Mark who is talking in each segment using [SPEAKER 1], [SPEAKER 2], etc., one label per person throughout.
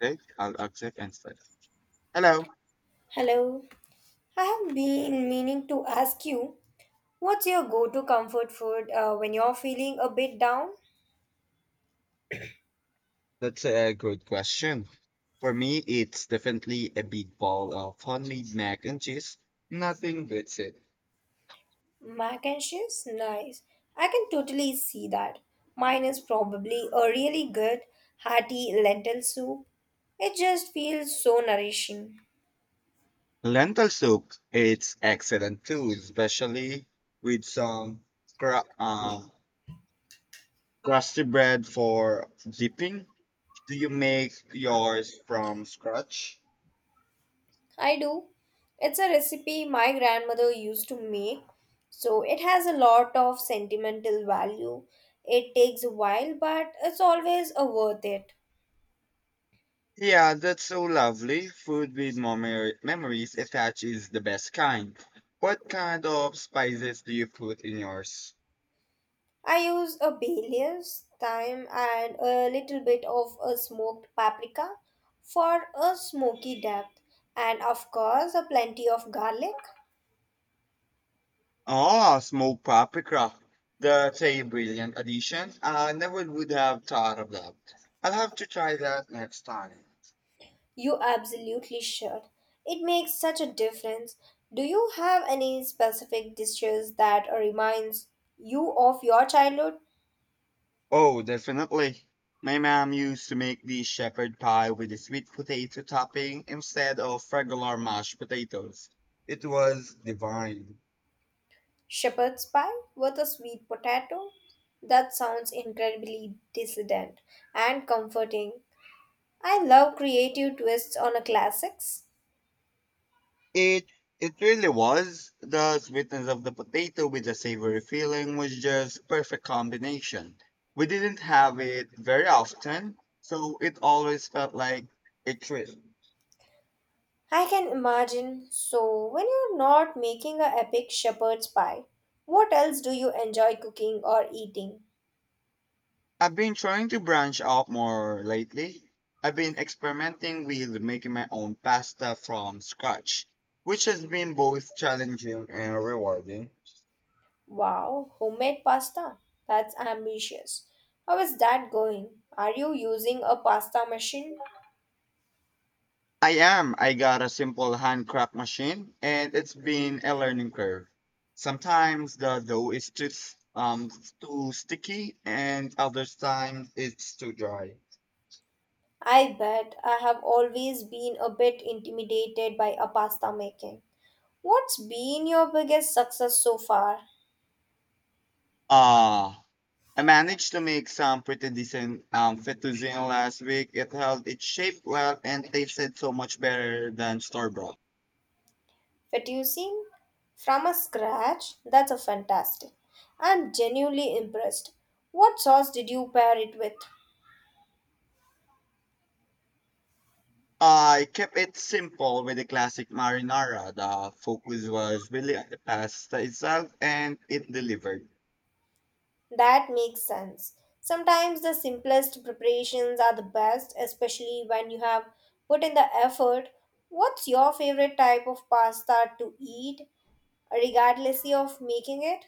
[SPEAKER 1] Okay, I'll object instead. Hello.
[SPEAKER 2] Hello. I have been meaning to ask you, what's your go to comfort food when you're feeling a bit down?
[SPEAKER 1] That's a good question. For me, it's definitely a big bowl of homemade mac and cheese. Nothing beats it.
[SPEAKER 2] Mac and cheese? Nice. I can totally see that. Mine is probably a really good, hearty lentil soup. It just feels so nourishing.
[SPEAKER 1] Lentil soup, it's excellent too, especially with some cra- um, crusty bread for dipping. Do you make yours from scratch?
[SPEAKER 2] I do. It's a recipe my grandmother used to make, so it has a lot of sentimental value. It takes a while, but it's always a worth it.
[SPEAKER 1] Yeah, that's so lovely. Food with memories attached is the best kind. What kind of spices do you put in yours?
[SPEAKER 2] I use a bay leaves, thyme, and a little bit of a smoked paprika for a smoky depth, and of course, a plenty of garlic.
[SPEAKER 1] Oh, smoked paprika. That's a brilliant addition. I never would have thought of that. I'll have to try that next time.
[SPEAKER 2] You absolutely should. It makes such a difference. Do you have any specific dishes that reminds you of your childhood?
[SPEAKER 1] Oh, definitely. My mom used to make the shepherd pie with a sweet potato topping instead of regular mashed potatoes. It was divine.
[SPEAKER 2] Shepherd's pie with a sweet potato? That sounds incredibly dissident and comforting. I love creative twists on a classics.
[SPEAKER 1] It it really was. The sweetness of the potato with the savory filling was just perfect combination. We didn't have it very often, so it always felt like a treat.
[SPEAKER 2] I can imagine. So, when you're not making a epic shepherd's pie, what else do you enjoy cooking or eating?
[SPEAKER 1] I've been trying to branch out more lately. I've been experimenting with making my own pasta from scratch, which has been both challenging and rewarding.
[SPEAKER 2] Wow, homemade pasta. That's ambitious. How is that going? Are you using a pasta machine?
[SPEAKER 1] I am. I got a simple handcraft machine, and it's been a learning curve. Sometimes the dough is too too sticky, and other times it's too dry.
[SPEAKER 2] I bet I have always been a bit intimidated by a pasta making. What's been your biggest success so far?
[SPEAKER 1] Uh I managed to make some pretty decent fettuccine last week. It held its shape well and tasted so much better than store bought.
[SPEAKER 2] Fettuccine from a scratch, that's a fantastic. I'm genuinely impressed. What sauce did you pair it with?
[SPEAKER 1] I kept it simple with the classic marinara. The focus was really on the pasta itself, and it delivered.
[SPEAKER 2] That makes sense. Sometimes the simplest preparations are the best, especially when you have put in the effort. What's your favorite type of pasta to eat, regardless of making it?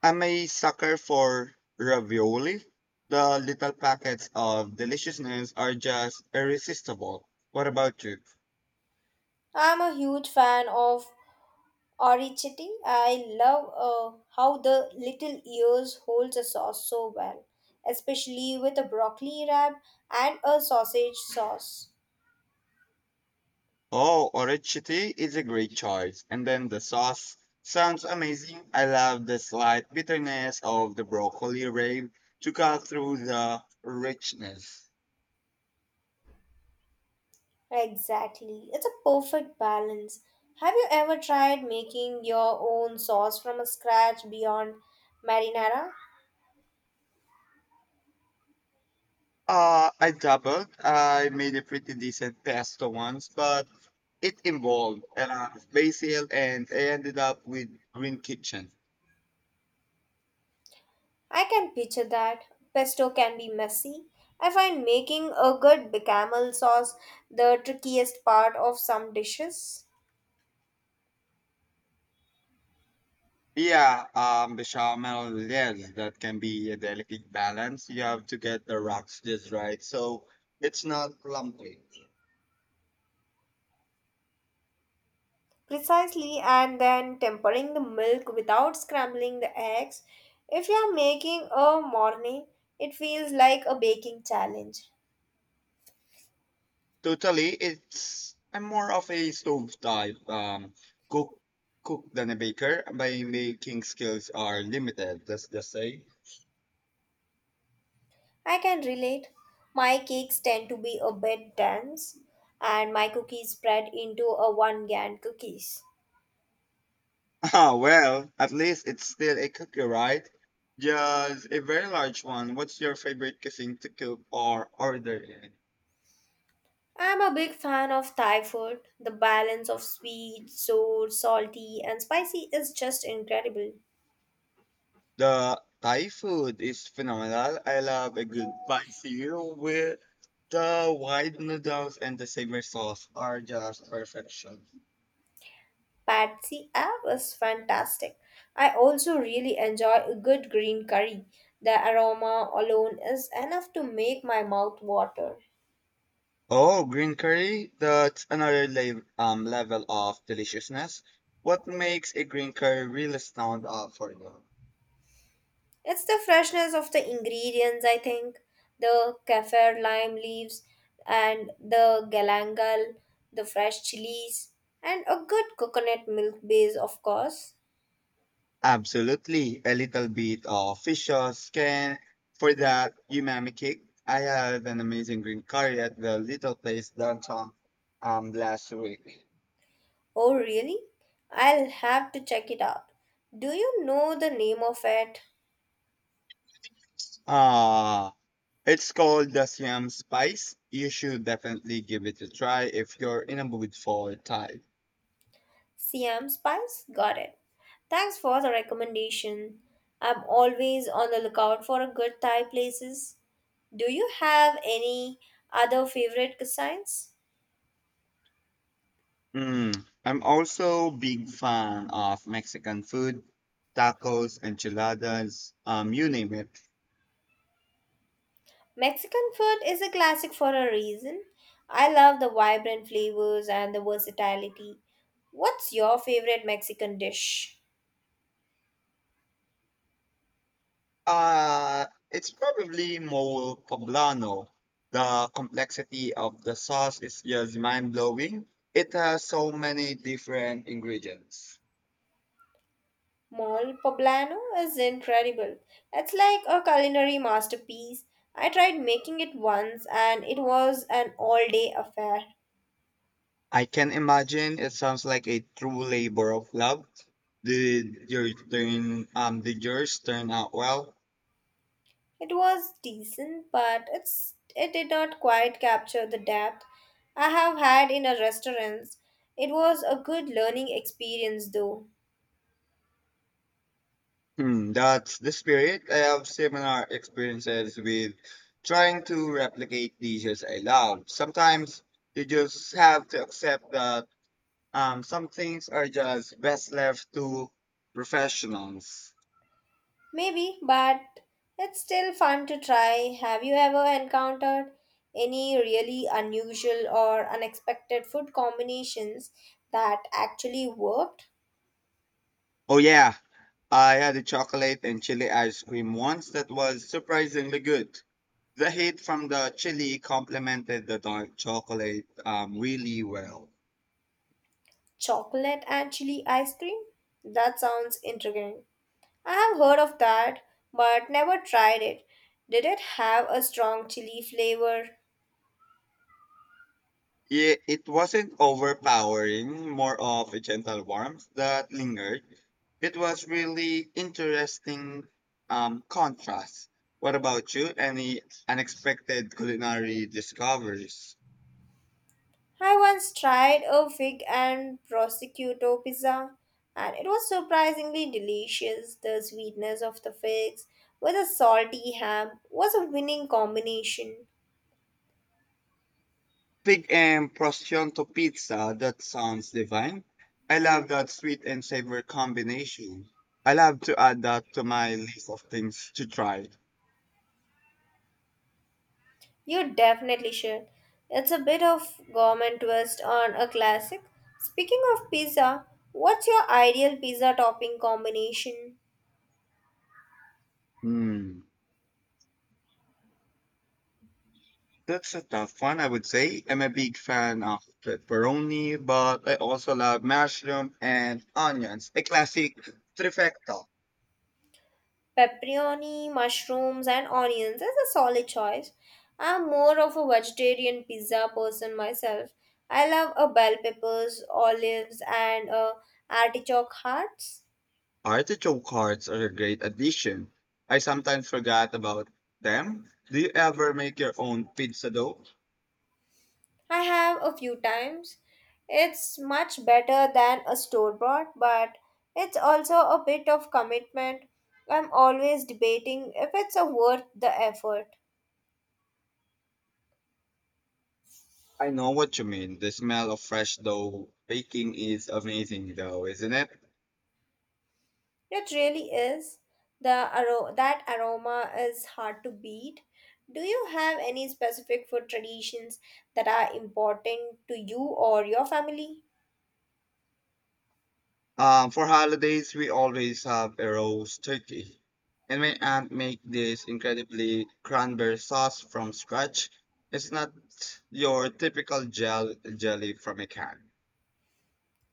[SPEAKER 1] I'm a sucker for ravioli. The little packets of deliciousness are just irresistible. What about you?
[SPEAKER 2] I'm a huge fan of Ori Chetty. I love how the little ears holds a sauce so well, especially with a broccoli wrap and a sausage sauce.
[SPEAKER 1] Oh, orecchiette is a great choice. And then the sauce sounds amazing. I love the slight bitterness of the broccoli rave to cut through the richness.
[SPEAKER 2] Exactly, it's a perfect balance. Have you ever tried making your own sauce from scratch beyond marinara?
[SPEAKER 1] I doubled. I made a pretty decent pesto once, but it involved a lot of basil and I ended up with green kitchen.
[SPEAKER 2] I can picture that. Pesto can be messy. I find making a good bechamel sauce the trickiest part of some dishes.
[SPEAKER 1] Yeah, bechamel, yes, that can be a delicate balance. You have to get the rocks just right, so it's not clumpy.
[SPEAKER 2] Precisely, and then tempering the milk without scrambling the eggs. If you are making a morning, it feels like a baking challenge.
[SPEAKER 1] Totally, it's I'm more of a stove type cook cook than a baker. My baking skills are limited. Let's just say.
[SPEAKER 2] I can relate. My cakes tend to be a bit dense, and my cookies spread into a one gan cookies.
[SPEAKER 1] Ah, well, at least it's still a cookie, right? Just a very large one. What's your favorite cuisine to cook or order in?
[SPEAKER 2] I'm a big fan of Thai food. The balance of sweet, sour, salty, and spicy is just incredible.
[SPEAKER 1] The Thai food is phenomenal. I love a good spicy noodle with the white noodles and the savory sauce are just perfection.
[SPEAKER 2] Patsy App was fantastic. I also really enjoy a good green curry. The aroma alone is enough to make my mouth water.
[SPEAKER 1] Oh, green curry, that's another level of deliciousness. What makes a green curry really stand out for you?
[SPEAKER 2] It's the freshness of the ingredients, I think. The kaffir lime leaves and the galangal, the fresh chilies, and a good coconut milk base, of course.
[SPEAKER 1] Absolutely, a little bit of fish sauce can for that umami kick. I had an amazing green curry at the little place downtown last week.
[SPEAKER 2] Oh, really? I'll have to check it out. Do you know the name of it?
[SPEAKER 1] Ah. It's called the Siam Spice. You should definitely give it a try if you're in a mood for Thai.
[SPEAKER 2] Siam Spice? Got it. Thanks for the recommendation. I'm always on the lookout for a good Thai places. Do you have any other favorite cuisines?
[SPEAKER 1] Mm. I'm also big fan of Mexican food, tacos, enchiladas, you name it.
[SPEAKER 2] Mexican food is a classic for a reason. I love the vibrant flavors and the versatility. What's your favorite Mexican dish?
[SPEAKER 1] It's probably more poblano. The complexity of the sauce is just mind blowing. It has so many different ingredients.
[SPEAKER 2] Mole poblano is incredible. It's like a culinary masterpiece. I tried making it once and it was an all day affair.
[SPEAKER 1] I can imagine it sounds like a true labor of love. Did yours turn out well?
[SPEAKER 2] It was decent, but it did not quite capture the depth I have had in a restaurant. It was a good learning experience though.
[SPEAKER 1] Hmm, that's the spirit. I have similar experiences with trying to replicate dishes I love. Sometimes you just have to accept that some things are just best left to professionals.
[SPEAKER 2] Maybe, but it's still fun to try. Have you ever encountered any really unusual or unexpected food combinations that actually worked?
[SPEAKER 1] Oh yeah, I had a chocolate and chili ice cream once that was surprisingly good. The heat from the chili complemented the dark chocolate really well.
[SPEAKER 2] Chocolate and chili ice cream? That sounds intriguing. I have heard of that, but never tried it. Did it have a strong chili flavor?
[SPEAKER 1] It wasn't overpowering, more of a gentle warmth that lingered. It was really interesting contrast. What about you? Any unexpected culinary discoveries?
[SPEAKER 2] I once tried a fig and prosciutto pizza, and it was surprisingly delicious. The sweetness of the figs with a salty ham was a winning combination.
[SPEAKER 1] Pig and prosciutto pizza, that sounds divine. I love that sweet and sour combination. I love to add that to my list of things to try.
[SPEAKER 2] You definitely should. It's a bit of gourmet twist on a classic. Speaking of pizza, what's your ideal pizza topping combination?
[SPEAKER 1] Hmm, that's a tough one, I would say. I'm a big fan of pepperoni, but I also love mushroom and onions, a classic trifecta.
[SPEAKER 2] Pepperoni, mushrooms, and onions is a solid choice. I'm more of a vegetarian pizza person myself. I love a bell peppers, olives, and artichoke hearts.
[SPEAKER 1] Artichoke hearts are a great addition. I sometimes forgot about them. Do you ever make your own pizza dough?
[SPEAKER 2] I have a few times. It's much better than a store bought, but it's also a bit of commitment. I'm always debating if it's a worth the effort.
[SPEAKER 1] I know what you mean. The smell of fresh dough baking is amazing, though, isn't it?
[SPEAKER 2] It really is. The that aroma is hard to beat. Do you have any specific food traditions that are important to you or your family?
[SPEAKER 1] For holidays, we always have a roast turkey. And my aunt make this incredibly cranberry sauce from scratch. It's not your typical gel jelly from a can.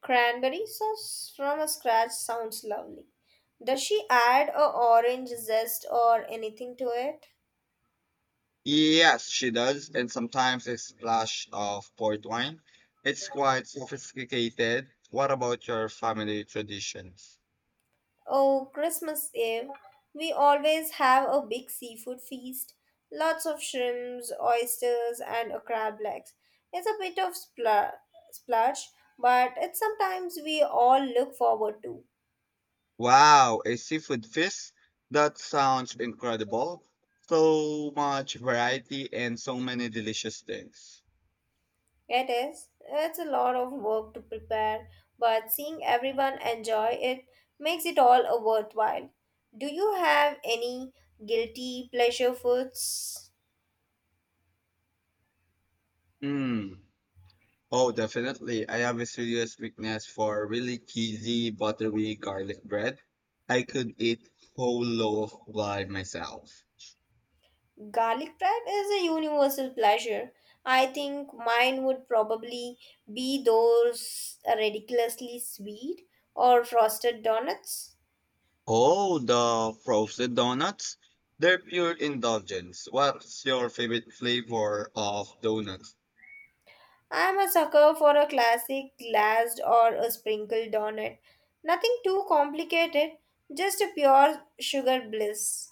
[SPEAKER 2] Cranberry sauce from scratch sounds lovely. Does she add a orange zest or anything to it?
[SPEAKER 1] Yes, she does, and sometimes a splash of port wine. It's quite sophisticated. What about your family traditions?
[SPEAKER 2] Oh, Christmas Eve. We always have a big seafood feast. Lots of shrimps, oysters, and a crab legs. It's a bit of splurge, but it's sometimes we all look forward to.
[SPEAKER 1] Wow, a seafood feast? That sounds incredible. So much variety and so many delicious things.
[SPEAKER 2] It is. It's a lot of work to prepare, but seeing everyone enjoy it makes it all a worthwhile. Do you have any guilty pleasure foods?
[SPEAKER 1] Mm. Oh, definitely. I have a serious weakness for really cheesy, buttery garlic bread. I could eat whole loaf by myself.
[SPEAKER 2] Garlic bread is a universal pleasure. I think mine would probably be those ridiculously sweet or frosted donuts.
[SPEAKER 1] Oh, the frozen donuts? They're pure indulgence. What's your favorite flavor of donuts?
[SPEAKER 2] I'm a sucker for a classic glazed or a sprinkled donut. Nothing too complicated, just a pure sugar bliss.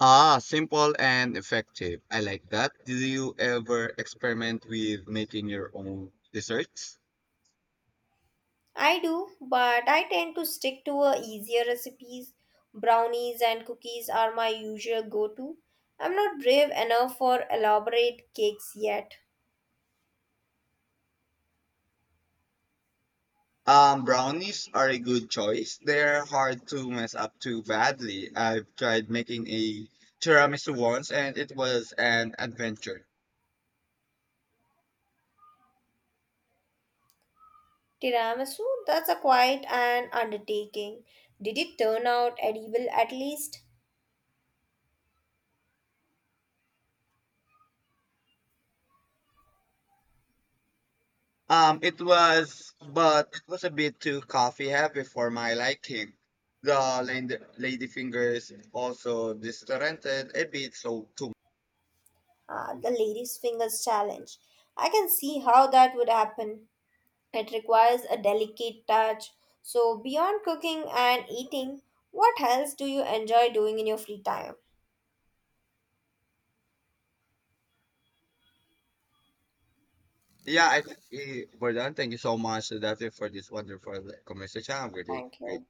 [SPEAKER 1] Ah, simple and effective. I like that. Did you ever experiment with making your own desserts?
[SPEAKER 2] I do, but I tend to stick to a easier recipes. Brownies and cookies are my usual go-to. I'm not brave enough for elaborate cakes yet.
[SPEAKER 1] Brownies are a good choice. They're hard to mess up too badly. I've tried making a tiramisu once, and it was an adventure.
[SPEAKER 2] Tiramisu? That's a quite an undertaking. Did it turn out edible at least?
[SPEAKER 1] It was, but it was a bit too coffee heavy for my liking. The lady fingers also disoriented a bit, so too.
[SPEAKER 2] Ah, the lady's fingers challenge. I can see how that would happen. It requires a delicate touch. So, beyond cooking and eating, what else do you enjoy doing in your free time?
[SPEAKER 1] Yeah, I think we're done. Thank you so much, Daphne, for this wonderful conversation. Have a great
[SPEAKER 2] Thank
[SPEAKER 1] day.
[SPEAKER 2] you.